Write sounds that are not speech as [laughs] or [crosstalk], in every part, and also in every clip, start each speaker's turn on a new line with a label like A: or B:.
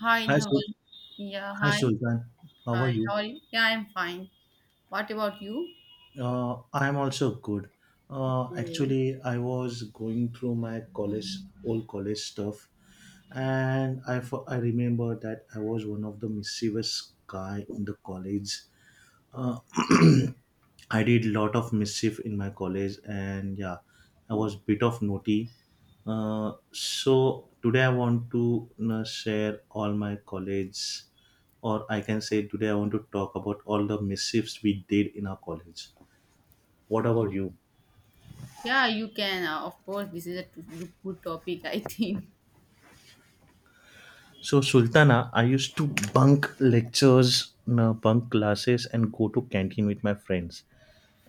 A: Hi,
B: Hi,
A: Dhawan. Yeah,
B: Hi
A: hi.
B: Sultan. How
A: Hi,
B: are
A: how
B: you?
A: are you? Yeah, I'm fine. What about you?
B: I am also good.
A: Okay.
B: Actually, I was going through my college, old college stuff, and I remember that I was one of the mischievous guy in the college. Uh, I did lot of mischief in my college, and yeah, I was bit of naughty. So today I want to share all my college, or I can say today I want to talk about all the mischiefs we did in our college. What about
A: Okay.
B: you?
A: Yeah, you can. Of course, this is a good topic, [laughs] I think.
B: So Sultana, I used to bunk lectures, bunk classes, and go to canteen with my friends,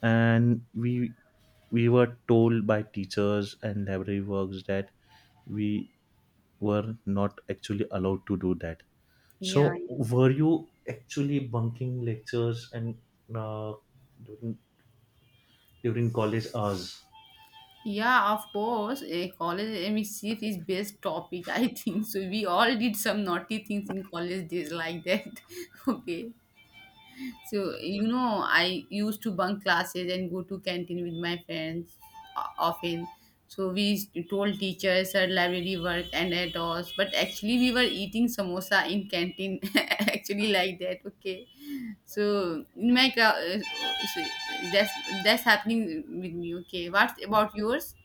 B: and we were told by teachers and library works that we were not actually allowed to do that.
A: Yeah.
B: So,
A: Yeah,
B: were you actually bunking lectures and uh, during college hours?
A: Yeah, of course. A college MSc is best topic, [laughs] I think. So we all did some naughty things in college days like that. [laughs] Okay. So, you know, I used to bunk classes and go to canteen with my friends often. So we told teachers our library work and at all. But actually we were eating samosa in canteen [laughs] actually like that. Okay. So in my so that's that's happening with me. Okay. What's about yours?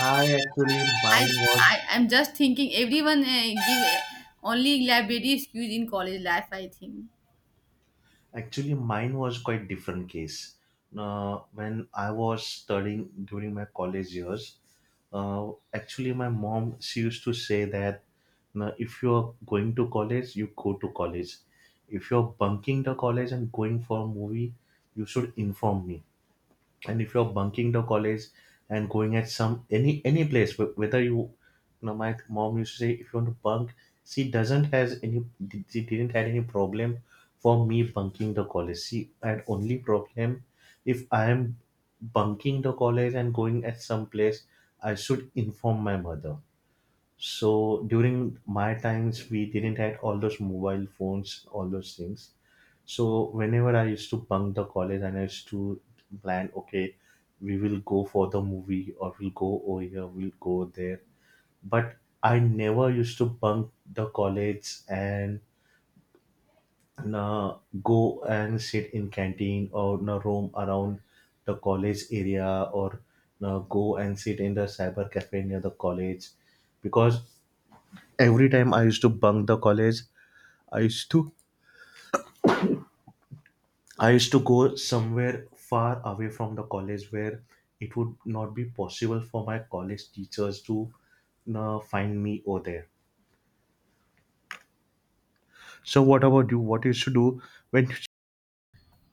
B: I actually
A: I
B: mine was
A: I am just thinking everyone give only library excuse in college life I think.
B: Actually mine was quite different case. When I was studying during my college years, actually my mom she used to say that now, if you're going to college, you go to college. If you're bunking the college and going for a movie, you should inform me. And if you're bunking the college and going at some any place whether you know my mom used to say if you want to bunk, she doesn't has any, she didn't had any problem for me bunking the college. She had only problem if I am bunking the college and going at some place, I should inform my mother. So during my times, we didn't had all those mobile phones, all those things. So whenever I used to bunk the college and I used to plan, okay, we will go for the movie or we'll go over here, we'll go there. But I never used to bunk the college and uh, go and sit in canteen or roam around the college area or go and sit in the cyber cafe near the college, because every time I used to bunk the college, i used to I used to go somewhere far away from the college where it would not be possible for my college teachers to find me over there. So what about you, what you used to do when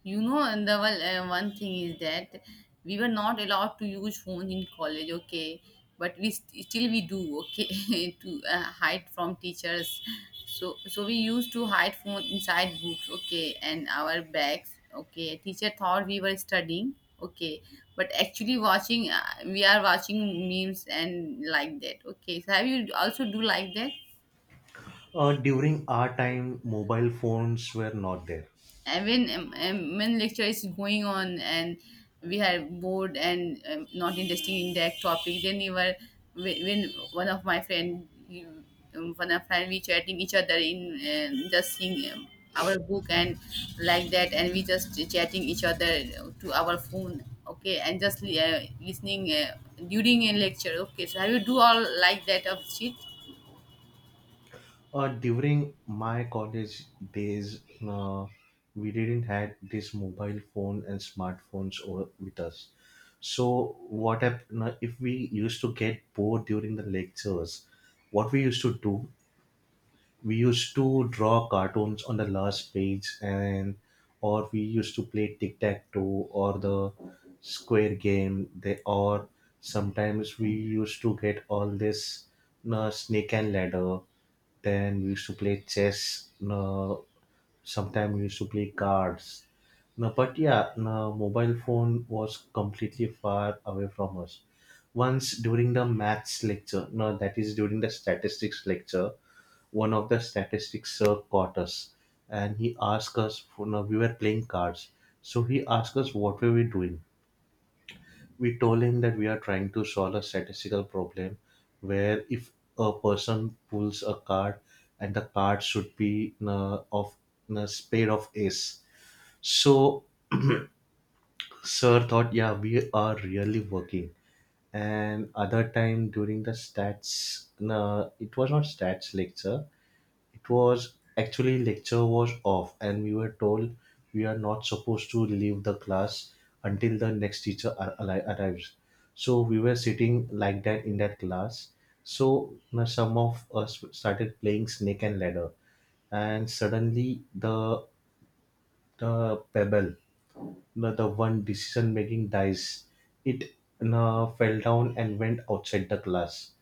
A: You know, and the well, one thing is that we were not allowed to use phones in college, okay? But we still we do, okay, [laughs] to hide from teachers. So we used to hide phone inside books, okay, and our bags, okay. Teacher thought we were studying, okay, but actually watching. We are watching memes and like that, okay. So have you also do like that?
B: during our time mobile phones were not there?
A: And when lecture is going on and we are bored and not interesting in that topic, then you were when one of my one of friend we chatting each other in just seeing our book and like that, and we just chatting each other to our phone, okay, and just listening during a lecture, okay, so have you do all like that of shit.
B: During my college days, uh, we didn't had this mobile phone and smartphones or with us. So what happened if we used to get bored during the lectures? What we used to do, we used to draw cartoons on the last page, and or we used to play tic tac toe or the square game. They or sometimes we used to get all this snake and ladder, then we used to play chess. No, sometimes we used to play cards. No, but yeah, no, mobile phone was completely far away from us. Once during the maths lecture, no, that is during the statistics lecture, one of the statistics sir caught us, and he asked us. For, no, we were playing cards, so he asked us what were we doing. We told him that we are trying to solve a statistical problem where if a person pulls a card, and the card should be of a spade of ace. So sir thought yeah we are really working. And other time during the stats, it was not stats lecture, it was actually lecture was off and we were told we are not supposed to leave the class until the next teacher arrives. So we were sitting like that in that class. So now some of us started playing snake and ladder, and suddenly the pebble, the one decision making dice, it fell down and went outside the class.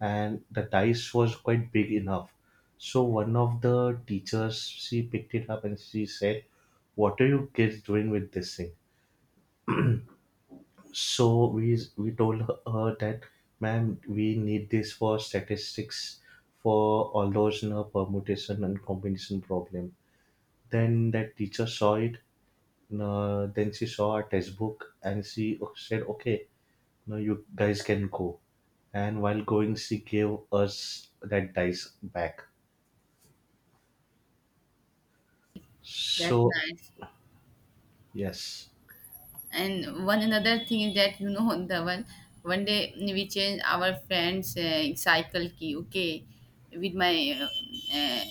B: And the dice was quite big enough, so one of the teachers she picked it up and she said, what are you kids doing with this thing? So we told her that ma'am we need this for statistics, for all those permutation and combination problem. Then that teacher saw it, then she saw a textbook and she said, "Okay, now you guys can go." And while going, she gave us that dice back.
A: That's
B: So
A: nice.
B: yes,
A: And one another thing is that, you know, [laughs] the one day we change our friend's cycle key. Okay, with my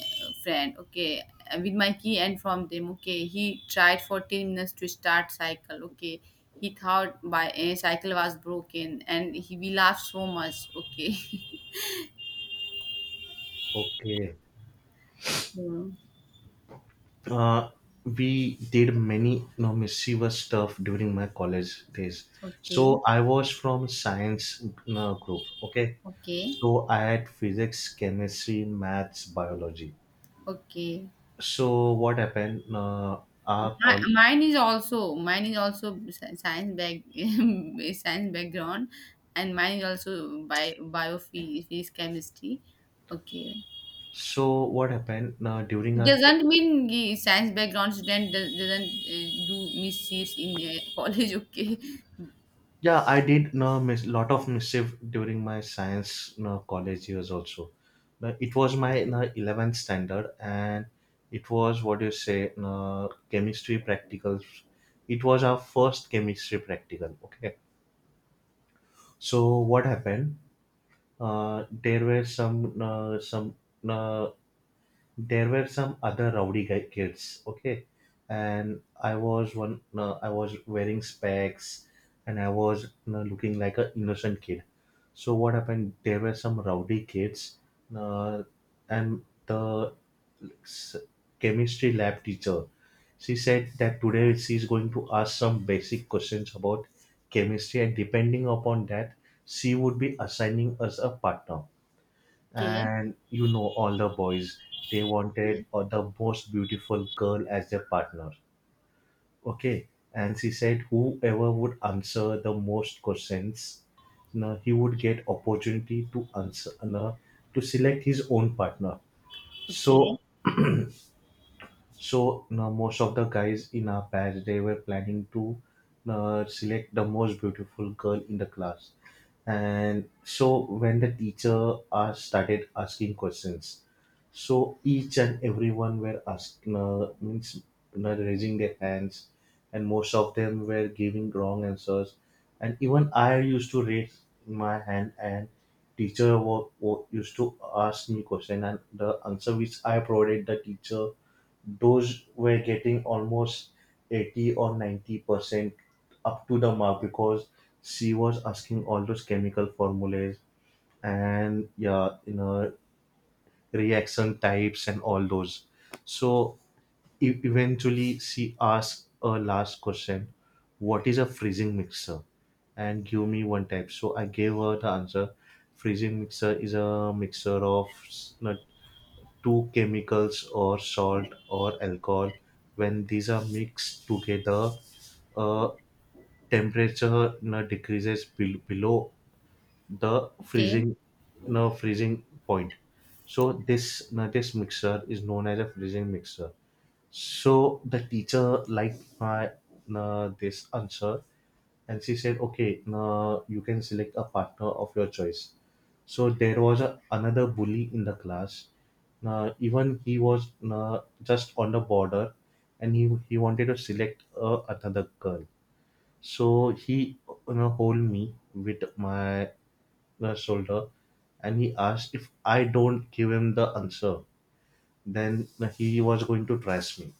A: friend. Okay, with my key and from them. Okay, he tried 14 minutes to start cycle. Okay, he thought by a cycle was broken, and he we laughed so much. Okay. [laughs]
B: okay.
A: Hmm.
B: Uh, we did many mischievous stuff during my college days.
A: Okay.
B: So I was from science group. Okay,
A: Okay.
B: so I had physics, chemistry, maths, biology.
A: Okay.
B: So what happened? Our col-.
A: Mine is also science back, [laughs] science background, and mine is also bio biophysics chemistry. Okay,
B: So what happened during
A: it
B: our,
A: doesn't mean the science background student does, doesn't do mischiefs in [laughs] college. Okay,
B: yeah I did miss lot of mischief during my science college years also. But it was my 11th standard, and it was what do you say chemistry practicals. It was our first chemistry practical. Okay. So what happened? Uh, there were some uh, some uh, there were some other rowdy guy kids, okay? And I was one, no, I was wearing specs, and I was looking like an innocent kid. So what happened? There were some rowdy kids, uh, and the s- chemistry lab teacher, she said that today she's going to ask some basic questions about chemistry, and depending upon that, she would be assigning us a partner.
A: okay,
B: And all the boys, they wanted the most beautiful girl as their partner, okay. And she said whoever would answer the most questions, he would get opportunity to answer, to select his own partner.
A: okay, okay,
B: So so now most of the guys in our batch, they were planning to select the most beautiful girl in the class. And so when the teacher started asking questions, so each and everyone were asking, means raising their hands, and most of them were giving wrong answers. And even I used to raise my hand, and teacher used to ask me question, and the answer which I provided the teacher, those were getting almost 80 or 90% up to the mark, because she was asking all those chemical formulas, and yeah reaction types and all those. So eventually she asked a last question, what is a freezing mixer, and give me one type. So I gave her the answer, freezing mixer is a mixer of two chemicals or salt or alcohol, when these are mixed together, uh, temperature decreases below the
A: okay.
B: freezing freezing point. So this mixture is known as a freezing mixture. So the teacher liked my this answer, and she said, "Okay, you can select a partner of your choice." So there was another bully in the class. Even he was just on the border, and he wanted to select another girl. So he hold me with my shoulder, and he asked if I don't give him the answer, then he was going to trash me.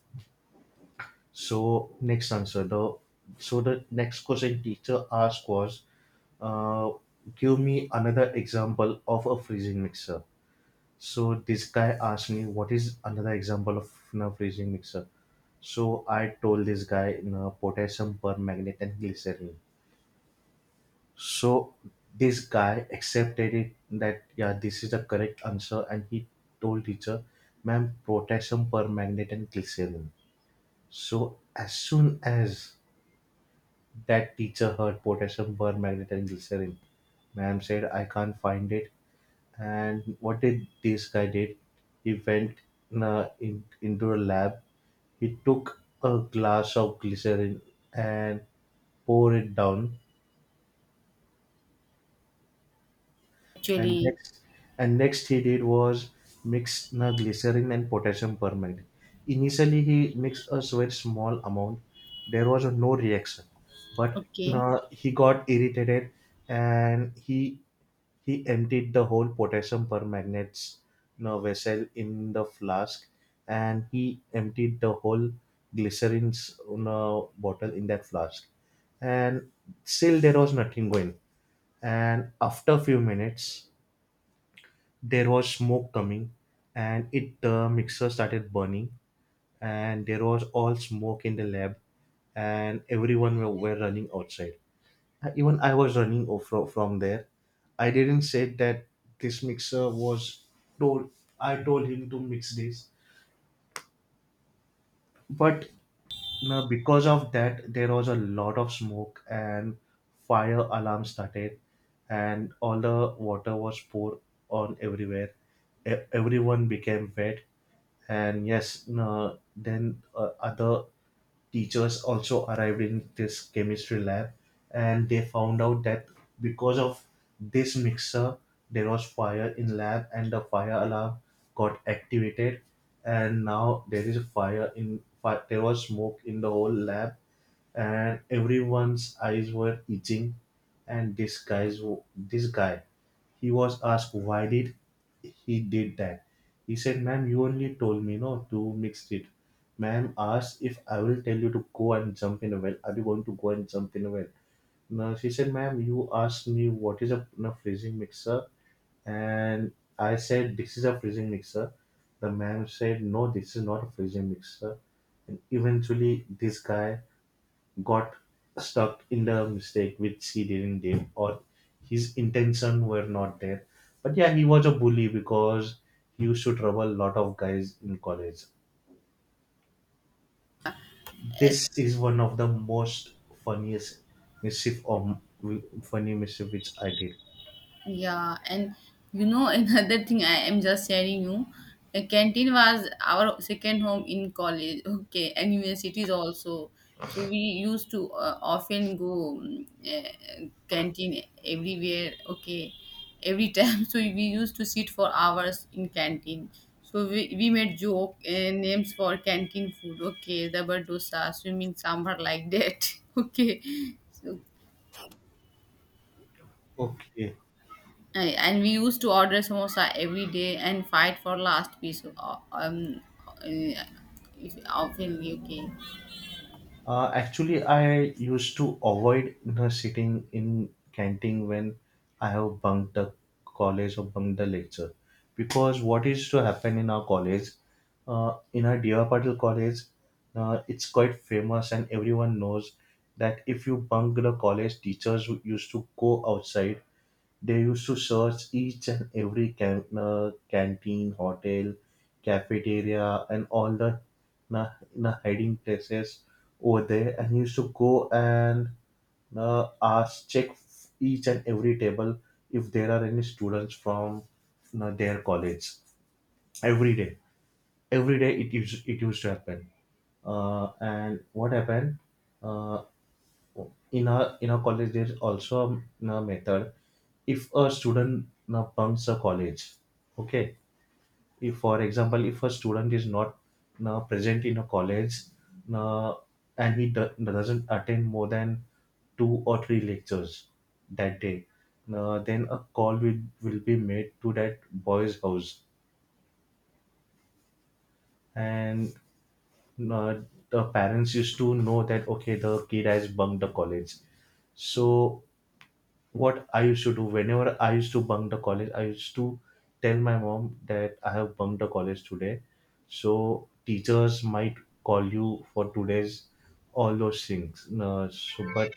B: So next answer the so the next question teacher asked was, uh, give me another example of a freezing mixer. So this guy asked me what is another example of a freezing mixer. So I told this guy potassium permanganate and glycerin. So this guy accepted it that yeah this is the correct answer, and he told teacher, ma'am potassium permanganate and glycerin. So as soon as that teacher heard potassium permanganate and glycerin, ma'am said, I can't find it. And what did this guy did? He went into a lab. He took a glass of glycerin and poured it down. and
A: Actually,
B: next and next he did was mix na glycerin and potassium permanganate. Initially he mixed a very small amount. There was no reaction, but
A: okay.
B: na he got irritated, and he emptied the whole potassium permanganate's na vessel in the flask, and he emptied the whole glycerin's na bottle in that flask, and still there was nothing going. And after a few minutes there was smoke coming, and it the mixer started burning, and there was all smoke in the lab, and everyone were running outside. Even I was running from there. I didn't say that this mixer was told I told him to mix this. But now, because of that, there was a lot of smoke and fire alarm started, and all the water was poured on everywhere. Everyone became wet, and yes, no, then other teachers also arrived in this chemistry lab, and they found out that because of this mixer there was fire in lab, and the fire alarm got activated. And now there is fire in fi- there was smoke in the whole lab, and everyone's eyes were itching. And this guy, he was asked why did he did that. He said, "Ma'am, you only told me no to mix it." Ma'am asked if I will tell you to go and jump in a well. Are you going to go and jump in a well? No, she said, "Ma'am, you asked me what is a freezing mixer, and I said this is a freezing mixer." The ma'am said, "No, this is not a freezing mixer." And eventually, this guy got stuck in the mistake which he didn't do or his intention were not there, but yeah, he was a bully because he used to trouble a lot of guys in college. This is one of the most funniest mischief or funny mischief which I did.
A: Yeah, and you know, [laughs] another thing I am just sharing you, a canteen was our second home in college. Okay, and universities also. So we used to often go canteen everywhere. Okay, every time. [laughs] So we used to sit for hours in canteen. So we made joke names for canteen food. Okay, rubber dosa, swimming sambar like that. [laughs] Okay, so,
B: Okay.
A: Ay, and we used to order samosa every day and fight for last piece of, um uh, if often, okay.
B: Actually, I used to avoid, you know, sitting in canteen when I have bunked the college or bunked the lecture, because what is to happen in our college, in our Dear Patil college, it's quite famous and everyone knows that if you bunk the college, teachers used to go outside. They used to search each and every canteen, hotel, cafeteria, and all the hiding places over there, and used to go and ask, check each and every table if there are any students from their college every day. Every day it used to happen. And what happened? Uh, in our college there's also a, you know, method if a student, you know, bunks a college, okay, if for example if a student is not, you know, present in a college, you know, and he doesn't attend more than two or three lectures that day. Now, then a call will be made to that boy's house, and uh, the parents used to know that okay the kid has bunked the college. So what I used to do whenever I used to bunk the college, I used to tell my mom that I have bunked the college today. So teachers might call you for today's all those things. So, but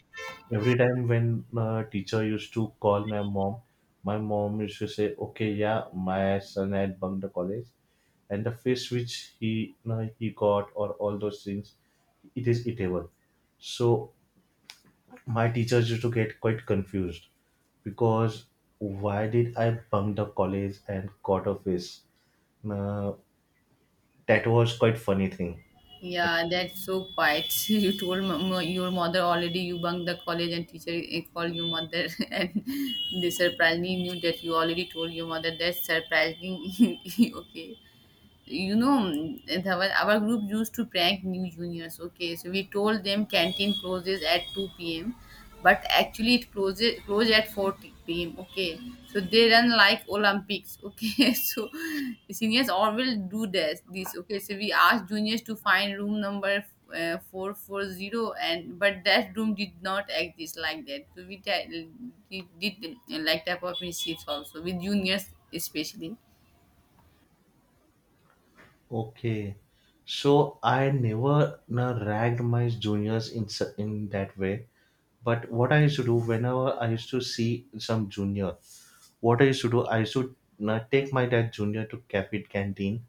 B: every time when teacher used to call my mom used to say, "Okay, yeah, my son had bunked the college," and the face which he got or all those things, it is eatable. So my teachers used to get quite confused because why did I bunk the college and got a face? Uh, that was quite funny thing.
A: Yeah,
B: Actually.
A: that's so quiet, [laughs] you told your mother already you bunked the college and teacher, eh, called your mother, [laughs] and they surprisingly knew that you already told your mother, that's surprising. [laughs] Okay, you know, our group used to prank new juniors, okay, so we told them canteen closes at 2 p.m but actually it closes closed at 4 p.m, okay, so they run like olympics, okay. [laughs] So seniors always do this, okay, so we asked juniors to find room number 440, and but that room did not exist like that, so we did, did like type of mischiefs also with juniors especially.
B: Okay, so I never ragged my juniors in in that way. But what I used to do whenever I used to see some junior, what I used to do, I used to take my that junior to cafe canteen,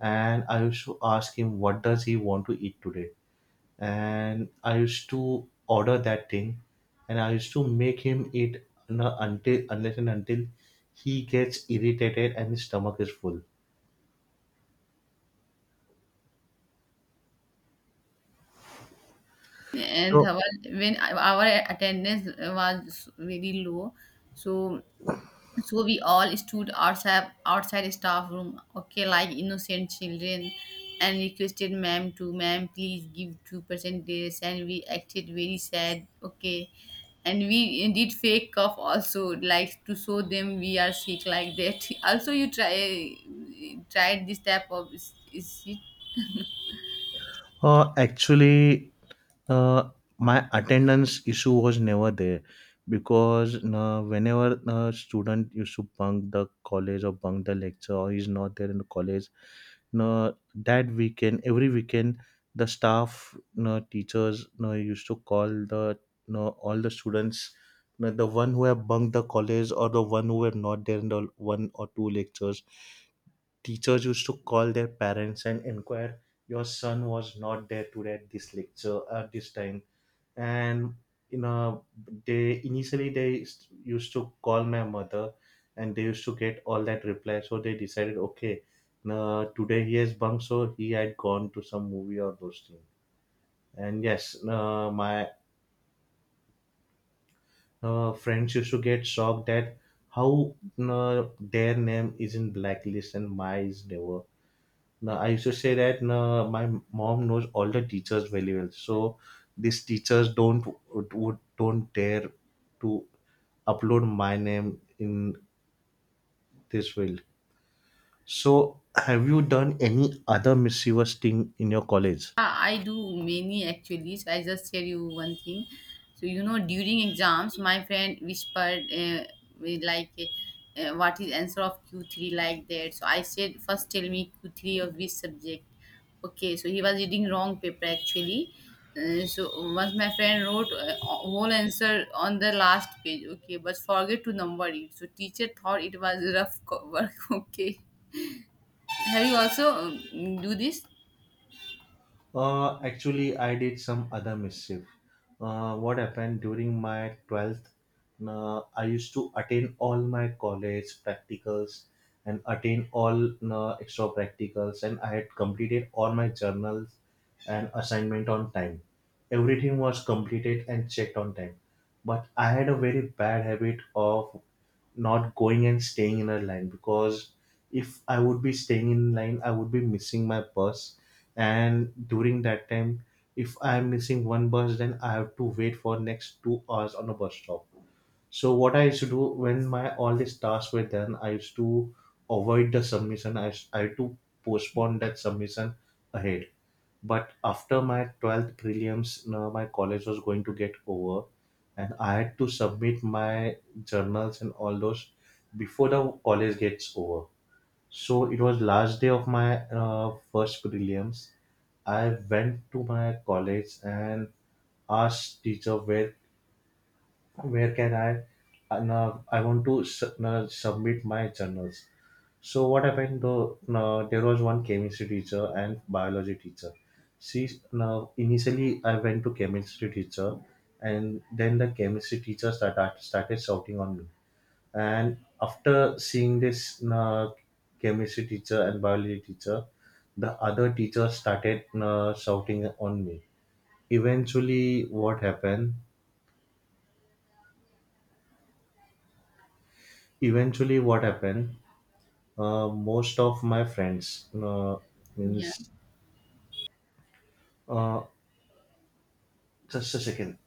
B: and I used to ask him what does he want to eat today, and I used to order that thing, and I used to make him eat until unless and until he gets irritated and his stomach is full.
A: And
B: So
A: our when our attendance was very low, so so we all stood outside staff room, okay, like innocent children, and requested ma'am to ma'am please give 2% this, and we acted very sad, okay, and we did fake cough also like to show them we are sick like that, [laughs] also you try tried this type of is.
B: Actually, uh, my attendance issue was never there because whenever a student used to bunk the college or bunk the lecture or he's not there in the college, no, that weekend, every weekend, the staff, no, teachers, no, used to call the, no, all the students, no, the one who have bunked the college or the one who were not there in the one or two lectures. Teachers used to call their parents and inquire, your son was not there today at this lecture at this time. And you know, they initially they used to call my mother, and they used to get all that reply. So they decided, okay, today he has bunked, so he had gone to some movie or those things. And yes, my friends used to get shocked that how their name is in blacklist and my is never. Now, I used to say that no, my mom knows all the teachers very well. So these teachers don't don't dare to upload my name in this field. So have you done any other mischievous thing in your college?
A: Yeah, I do many actually. So I just tell you one thing. So, you know, during exams, my friend whispered with like, "What is answer of Q three like that?" So I said, "First tell me Q three of which subject." Okay, so he was reading wrong paper actually. So once my friend wrote whole answer on the last page. Okay, but forget to number it. So teacher thought it was rough work. [laughs] Okay, have you also do this?
B: Actually, I did some other mischief. What happened during my 12th? I used to attend all my college practicals and attend all extra practicals, and I had completed all my journals and assignment on time. Everything was completed and checked on time, but I had a very bad habit of not going and staying in a line, because if I would be staying in line I would be missing my bus, and during that time if I am missing one bus then I have to wait for next 2 hours on a bus stop. So what I used to do when my all these tasks were done, I used to avoid the submission. I had to postpone that submission ahead. But after my 12th prelims, now my college was going to get over, and I had to submit my journals and all those before the college gets over. So it was last day of my first prelims. I went to my college and asked teacher where can I now I want to now submit my journals. So what happened though? Now there was one chemistry teacher and biology teacher. She, now initially I went to chemistry teacher, and then the chemistry teacher started shouting on me. And after seeing this, now chemistry teacher and biology teacher, the other teacher started now shouting on me. Eventually, what happened? Eventually, what happened? Most of my friends,
A: Yeah.
B: means uh, just a second.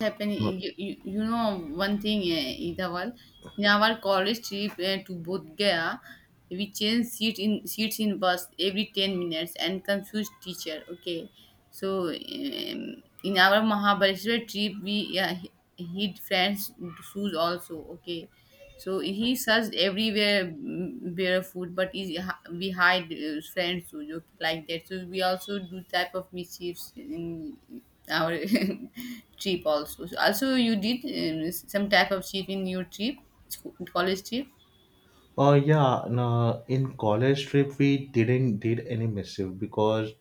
A: Happen
B: Uh,
A: you, you know one thing, eh, Idaval, in our college trip, eh, to Bodh Gaya, we changed seat in seats in bus every 10 minutes and confused teacher, okay, so in our Mahabaleshwar trip, we hid friends shoes also, okay. So he searched everywhere, mm, bare food, but he, we hide friends who look like that. So we also do type of mischiefs in our [laughs] trip also. So also you did some type of cheat in your trip, college trip.
B: Yeah, no, in college trip we didn't did any missive because,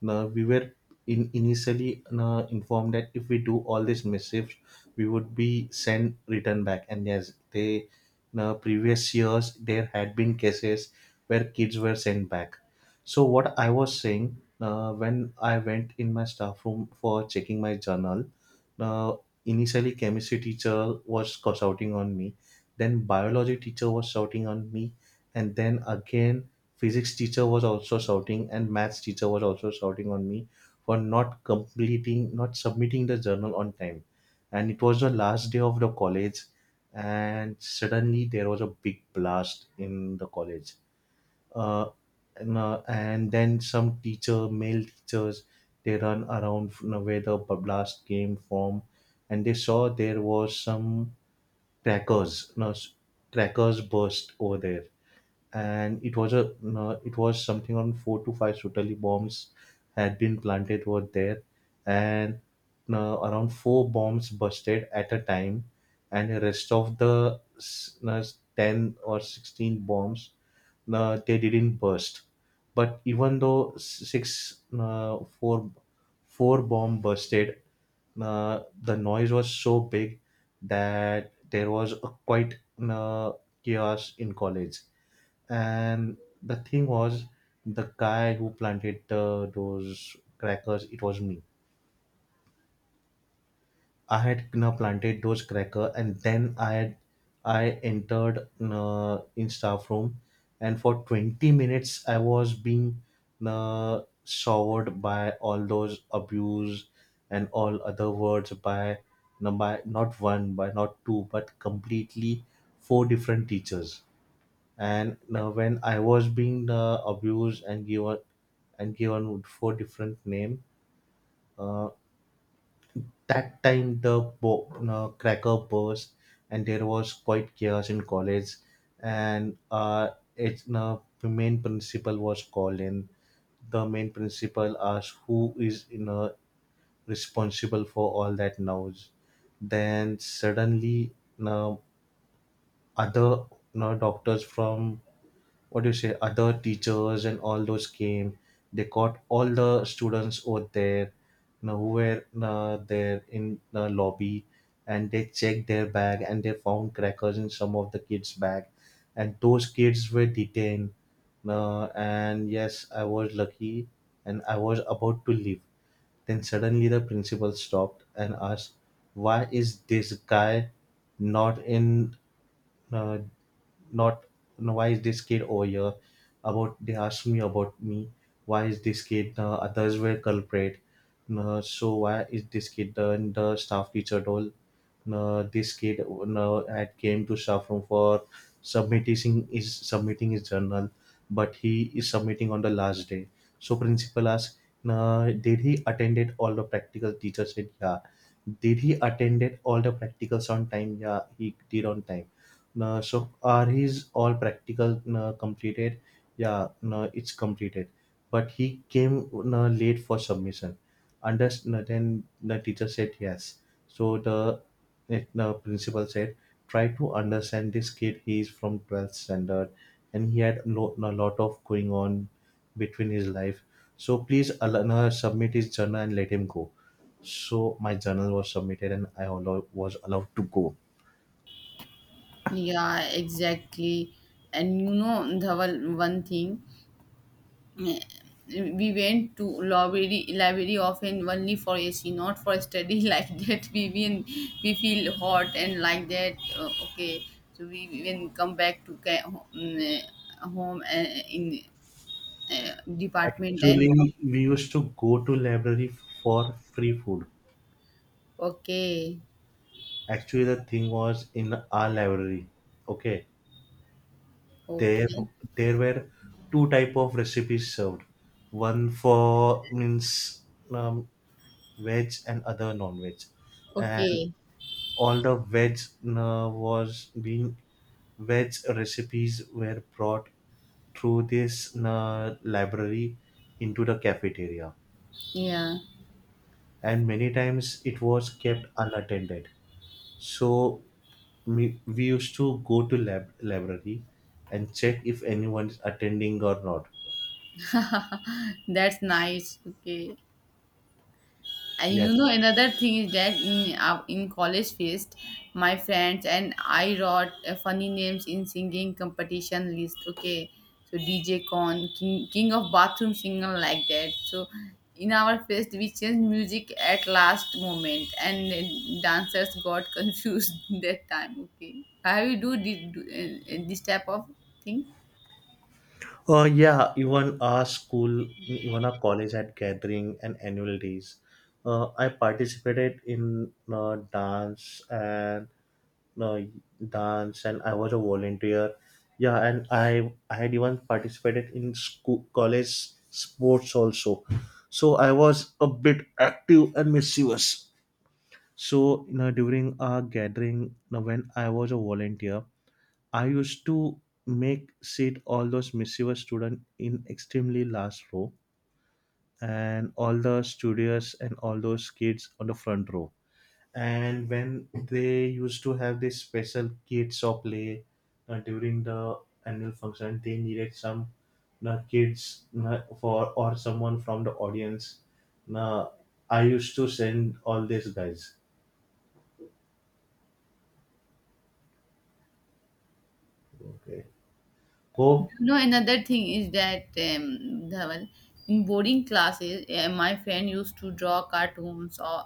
B: no, we were in initially no, informed that if we do all these missives, we would be sent return back. And yes, they, no, previous years there had been cases where kids were sent back. So what I was saying, when I went in my staff room for checking my journal, uh, initially chemistry teacher was shouting on me, then biology teacher was shouting on me, and then again physics teacher was also shouting and maths teacher was also shouting on me for not completing not submitting the journal on time, and it was the last day of the college. And suddenly there was a big blast in the college, uh, and then some teacher male teachers, they run around, you know, where the blast came from, and they saw there was some crackers, no, crackers burst over there, and it was a no, it was something on four to five Sotali bombs had been planted over there, and no, around four bombs busted at a time, and the rest of the no, 10 or 16 bombs no, they didn't burst. But even though six no, four bomb busted, the noise was so big that there was a quite chaos in college, and the thing was the guy who planted the, those crackers, it was me. I had you planted those cracker, and then I had I entered in staff room, and for 20 minutes I was being showered by all those abuse and all other words by, no, by not one by not two but completely four different teachers. And when I was being abused and given four different name, uh, that time the cracker burst, and there was quite chaos in college, and it's the main principal was called in. The main principal asked who is, you know, responsible for all that noise. Then suddenly, you know, other, you know, doctors from, what do you say, other teachers and all those came. They caught all the students over there, you know, who were there in the lobby, and they checked their bag and they found crackers in some of the kids bag, and those kids were detained. And yes, I was lucky, and I was about to leave. Then suddenly the principal stopped and asked, why is this guy not in, uh, not, you know, why is this kid over here, about they asked me about me, why is this kid, others were culprit, so why is this kid, the staff teacher told, no, this kid no had came to staff room for submitting is submitting his journal, but he is submitting on the last day. So principal asked, "No, did he attended all the practical?" Teacher said, "Yeah." Did he attended all the practicals on time? Yeah, he did on time. No, so are his all practical no completed? Yeah, no, it's completed. But he came no late for submission. Under no, then the teacher said yes. So the, it, the principal said, try to understand this kid. He is from 12th standard and he had a lot of going on between his life. So please allow, submit his journal and let him go. So my journal was submitted and I allow, was allowed to go.
A: Yeah, exactly. And you know, Dhawal, one thing. We went to library often only for AC, not for study, [laughs] like that. We been we feel hot and like that. Okay, so we even come back to home in department and
B: Actually, we used to go to library for free food.
A: okay,
B: Actually, the thing was in our library. Okay. There,
A: okay,
B: there were two type of recipes served, one for means um, veg and other non-veg, and
A: okay.
B: all the veg was being veg recipes were brought through this library into the cafeteria,
A: Yeah,
B: and many times it was kept unattended. So we used to go to lab library and check if anyone is attending or not.
A: that's nice. Okay. And you know,
B: Yes.
A: another thing is that in college fest, my friends and I wrote funny names in singing competition list. Okay, so DJ Con, King, King of Bathroom Singer, like that. So in our fest, we changed music at last moment, and dancers got [laughs] confused that time. Okay, how you do this type of thing?
B: Oh yeah, even our college had gathering and annual days. I participated in uh, dance, and I was a volunteer. Yeah, and I had even participated in school college sports also. So I was a bit active and mischievous. So, during our gathering, when I was a volunteer, I used to make sit all those mischievous students in extremely last row and all the studious and all those kids on the front row. And when they used to have this special kids or play during the annual function, they needed some kids for or someone from the audience. Uh, I used to send all these guys. Okay. Hope.
A: No, another thing is that Dhaval, in boarding classes, my friend used to draw cartoons or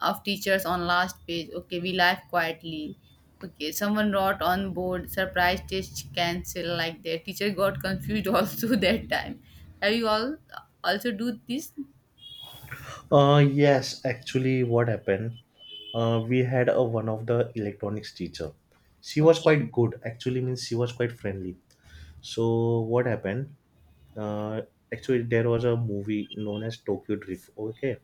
A: of teachers on last page. Okay, we laugh quietly. Okay, someone wrote on board surprise test cancel like that. Teacher got confused [laughs] also that time. Have you all also do this?
B: Yes, actually, what happened? We had a one of the electronics teacher. She was
A: Okay,
B: quite good. Actually, means she was quite friendly. So what happened? Uh, actually, there was a movie known as Tokyo Drift. Okay,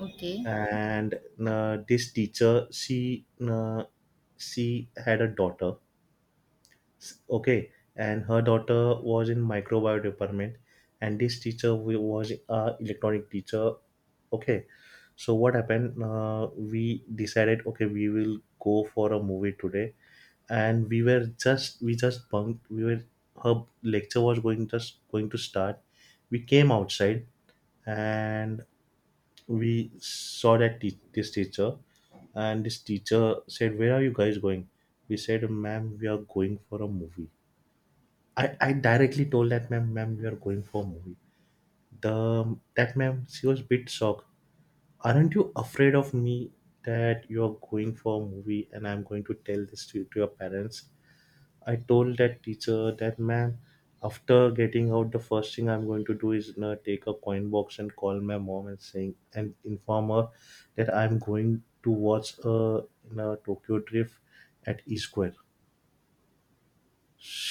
A: okay.
B: and this teacher, she had a daughter. Okay, and her daughter was in microbiology department, and this teacher was a electronic teacher. Okay, so what happened? We decided, okay, we will go for a movie today. And we just bunked. We were her lecture was going just going to start. We came outside, and we saw that this teacher, and this teacher said, where are you guys going? We said, ma'am, we are going for a movie. I directly told that ma'am, we are going for a movie. The that ma'am, she was bit shocked. Aren't you afraid of me that you are going for a movie and I'm going to tell this to your parents? I told that teacher that ma'am, after getting out, the first thing I'm going to do is, take a coin box and call my mom and saying and inform her that I'm going to watch a, Tokyo Drift at E Square.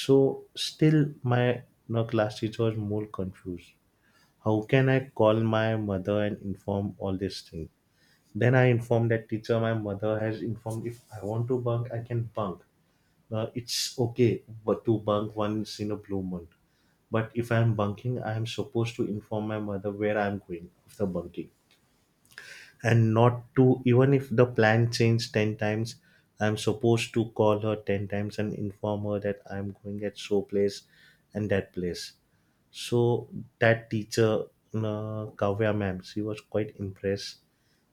B: So still my, class teacher was more confused. How can I call my mother and inform all this thing? Then I informed that teacher my mother has informed if I want to bunk, I can bunk. It's okay but to bunk once in a blue moon. But if I'm bunking, I am supposed to inform my mother where I'm going after bunking, and not to, even if the plan changed 10 times, I'm supposed to call her 10 times and inform her that I'm going at so place and that place. So that teacher, Kavya ma'am, she was quite impressed,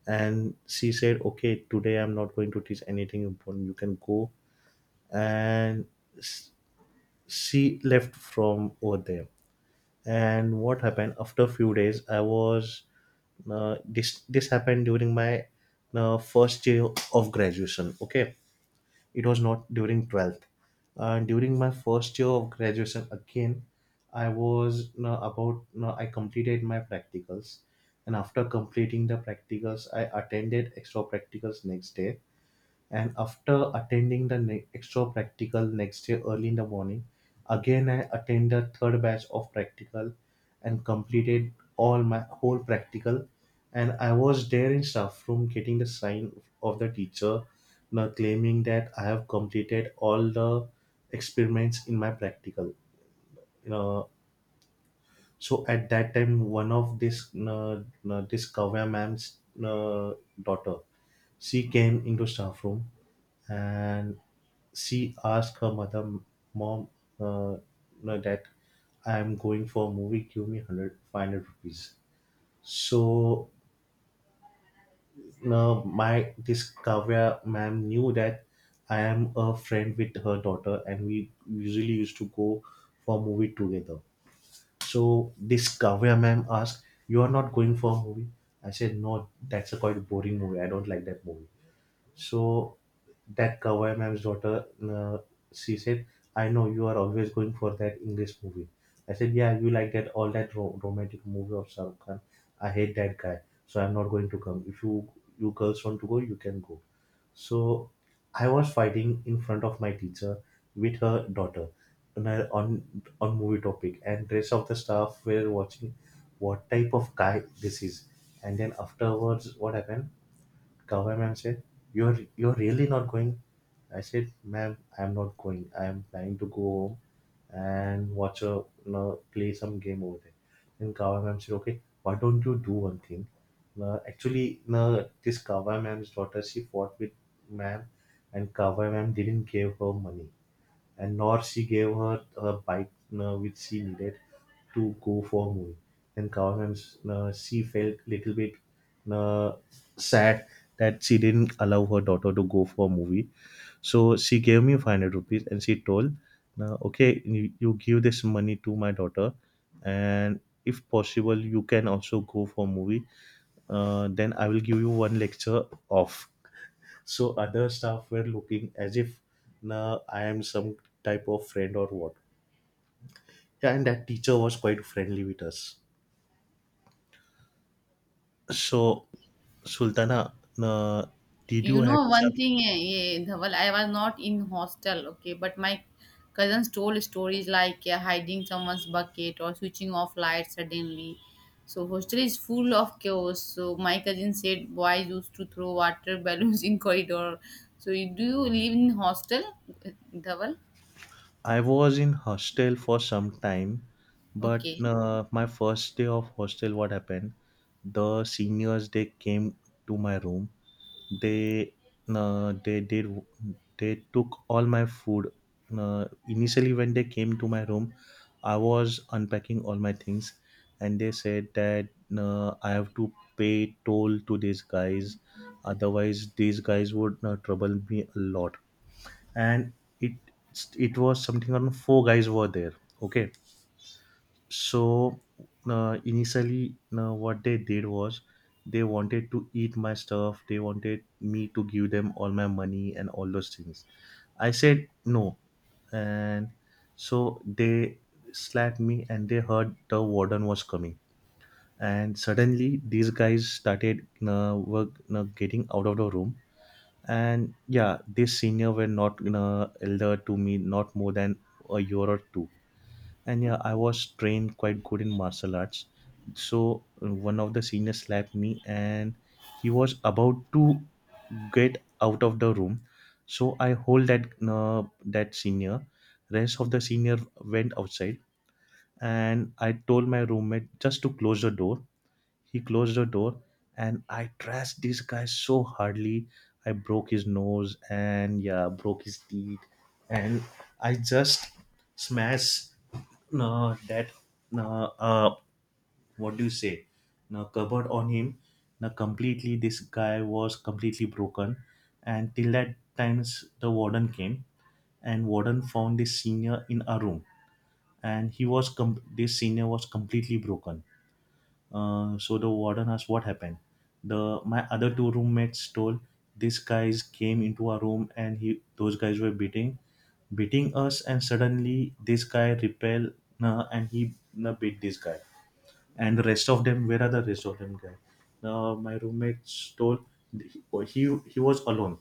B: and she said, okay, today I'm not going to teach anything important, you can go. And s- she left from over there. And what happened after few days? I was This happened during my first year of graduation. Okay, it was not during 12th. During my first year of graduation again, I was you about you I completed my practicals, and after completing the practicals, I attended extra practicals next day. And after attending the extra practical next day early in the morning, again I attended the third batch of practical and completed all my whole practical. And I was there in staff room getting the sign of the teacher, now claiming that I have completed all the experiments in my practical. You know, so at that time, one of this Kavya ma'am's daughter, she came into staff room and she asked her mother, mom, uh, no, that I am going for a movie. Give me 100, 500 rupees. So now my this Kavya ma'am knew that I am a friend with her daughter, and we usually used to go for movie together. So this Kavya ma'am asked, you are not going for a movie? I said, no, that's a quite boring movie. I don't like that movie. So that Kawai ma'am's daughter, she said, I know you are always going for that English movie. I said, yeah, you like that all that romantic movie of Shahrukh Khan. I hate that guy, so I'm not going to come. If you girls want to go, you can go. So I was fighting in front of my teacher with her daughter on movie topic, and rest of the staff were watching what type of guy this is. And then afterwards, what happened? Kavya ma'am said, you're really not going? I said, ma'am, I'm not going. I'm planning to go home and watch a, play some game over there. Then Kavya ma'am said, okay, why don't you do one thing? Actually, no, this Kavya ma'am's daughter she fought with ma'am, and Kavya ma'am didn't give her money and nor she gave her a bike which she needed to go for a movie. And Kavan, she felt little bit uh, sad that she didn't allow her daughter to go for a movie. So she gave me 500 rupees and she told, okay, you give this money to my daughter, and if possible, you can also go for a movie. Then I will give you one lecture off. So other staff were looking as if, nah, I am some type of friend or what. Yeah, and that teacher was quite friendly with us. So, Sultana, uh, did
A: You
B: you had
A: know
B: some?
A: one thing, Dhaval, I was not in hostel, okay, but my cousins told stories like, eh, hiding someone's bucket or switching off lights suddenly. So hostel is full of chaos. So my cousin said boys used to throw water [laughs] balloons in corridor. So you, do you live in hostel, eh, Dhaval?
B: I was in hostel for some time, but
A: Okay,
B: my first day of hostel, what happened? The seniors they came to my room, they uh, they did they took all my food. Initially when they came to my room, I was unpacking all my things, and they said that I have to pay toll to these guys, otherwise these guys would trouble me a lot. And it it was something around four guys were there. Okay, so initially, what they did was, they wanted to eat my stuff. They wanted me to give them all my money and all those things. I said no, and so they slapped me, and they heard the warden was coming. And suddenly, these guys started, were getting out of the room. And yeah, this senior were not elder to me, not more than a year or two. And yeah, I was trained quite good in martial arts, so one of the seniors slapped me and he was about to get out of the room. So I hold that, senior. Rest of the senior went outside, and I told my roommate just to close the door. He closed the door, and I trashed this guy so hardly. I broke his nose, and yeah, broke his teeth, and I just smashed, no, that, no, what do you say, no, cupboard on him. No, completely, this guy was completely broken. And till that times the warden came, and warden found this senior in a room, and he was, this senior was completely broken. So the warden asked what happened. The my other two roommates told, these guys came into our room and he those guys were beating us, and suddenly this guy repel, and he beat this guy, and the rest of them, where are the rest of them guy? My roommates told, he was alone.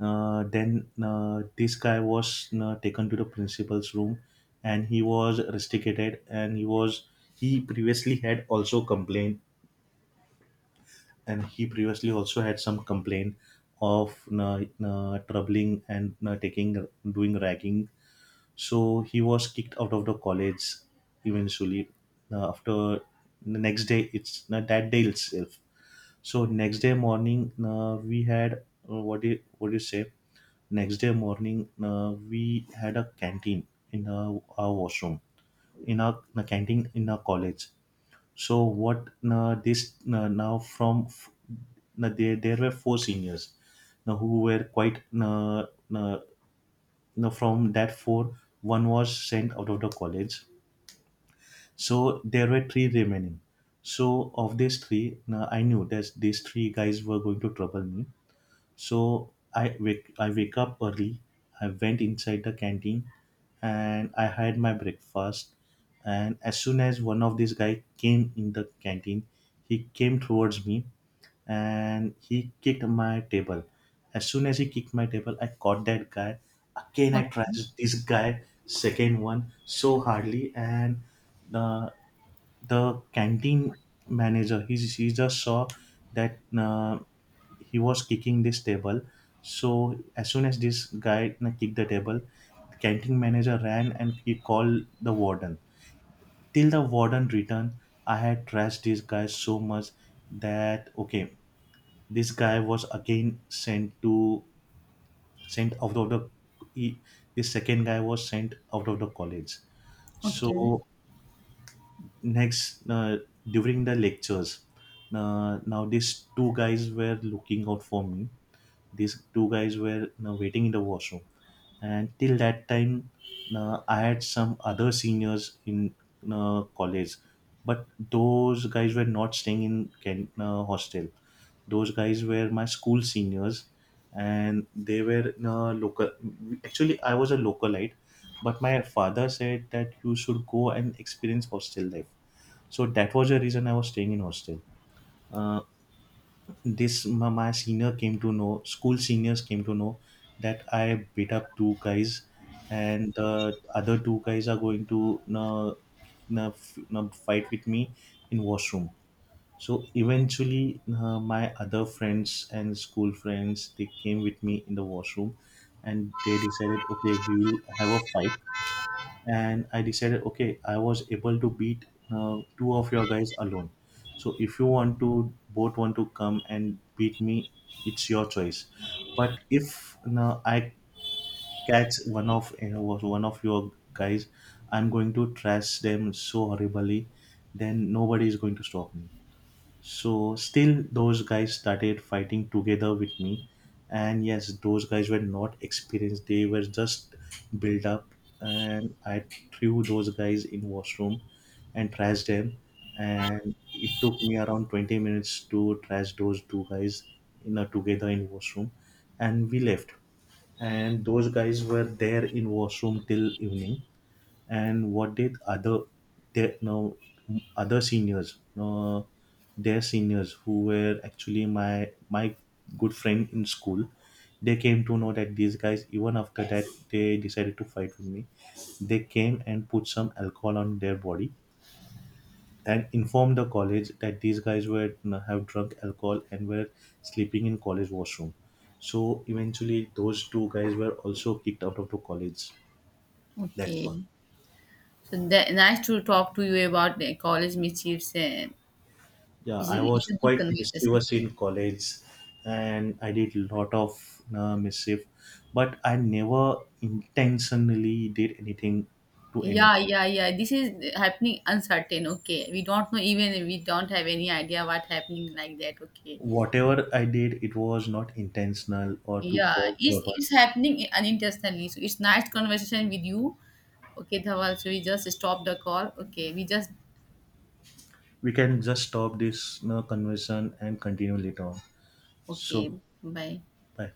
B: Then this guy was taken to the principal's room, and he was rusticated, and he previously had also complained, and he previously also had some complaint of troubling and taking doing ragging. So he was kicked out of the college eventually. After, the next day, it's that day itself. So next day morning, we had, what do you, say, next day morning, we had a canteen in our washroom, in a canteen in our college. So what, this, now from now there were four seniors, now, who were quite, uh, now from that four, one was sent out of the college. So there were three remaining. So of these three, now I knew that these three guys were going to trouble me, so I wake up early. I went inside the canteen and I had my breakfast. And as soon as one of these guy came in the canteen, he came towards me and he kicked my table. As soon as he kicked my table, I caught that guy. Again, I
A: okay,
B: trashed this guy, second one, so hardly, and uh, the canteen manager, he just saw that he was kicking this table. So as soon as this guy kicked the table, the canteen manager ran and he called the warden. Till the warden returned, I had trashed this guy so much that, okay, this guy was again, sent out of the he, this second guy was sent out of the college.
A: okay,
B: So, next, during the lectures, now these two guys were looking out for me. These two guys were you waiting in the washroom, and till that time, I had some other seniors in college, but those guys were not staying in Kent, hostel. Those guys were my school seniors, and they were local. Actually, I was a localite, but my father said that you should go and experience hostel life, so that was the reason I was staying in hostel. Uh, this my senior came to know, school seniors came to know, that I beat up two guys, and the other two guys are going to, fight with me in washroom. So eventually, my other friends and school friends they came with me in the washroom, and they decided, okay, we will have a fight. And I decided, okay, I was able to beat two of your guys alone. So if you want to, both want to come and beat me, it's your choice. But if now I catch one of your guys, I'm going to trash them so horribly, then nobody is going to stop me. So still those guys started fighting together with me. And yes, those guys were not experienced. They were just built up, and I threw those guys in washroom and trashed them. And it took me around 20 minutes to trash those two guys in a together in washroom, and we left. And those guys were there in washroom till evening. And what did other their, no, other seniors, no, their seniors, who were actually my good friend in school, they came to know that these guys even after that they decided to fight with me. They came and put some alcohol on their body and informed the college that these guys were have drunk alcohol and were sleeping in college washroom. So eventually those two guys were also kicked out of the college. That's one.
A: okay. So that, nice to talk to you about the college mischiefs, eh.
B: Yeah,
A: It's a,
B: I
A: it's
B: was
A: a good
B: quite
A: conversation.
B: mischievous in college, and I did a lot of mischief, but I never intentionally did anything to anyone.
A: Yeah, yeah, yeah. This is happening uncertain. Okay, we don't know, even we don't have any idea what happening like that. Okay,
B: Whatever I did, it was not intentional or to
A: yeah,
B: cause
A: it's
B: trouble.
A: it's happening unintentionally. So it's nice conversation with you. Okay, Dhawal. So we just stop the call. Okay, we just
B: We can just stop this conversation and continue later on.
A: okay.
B: So,
A: Bye.
B: bye.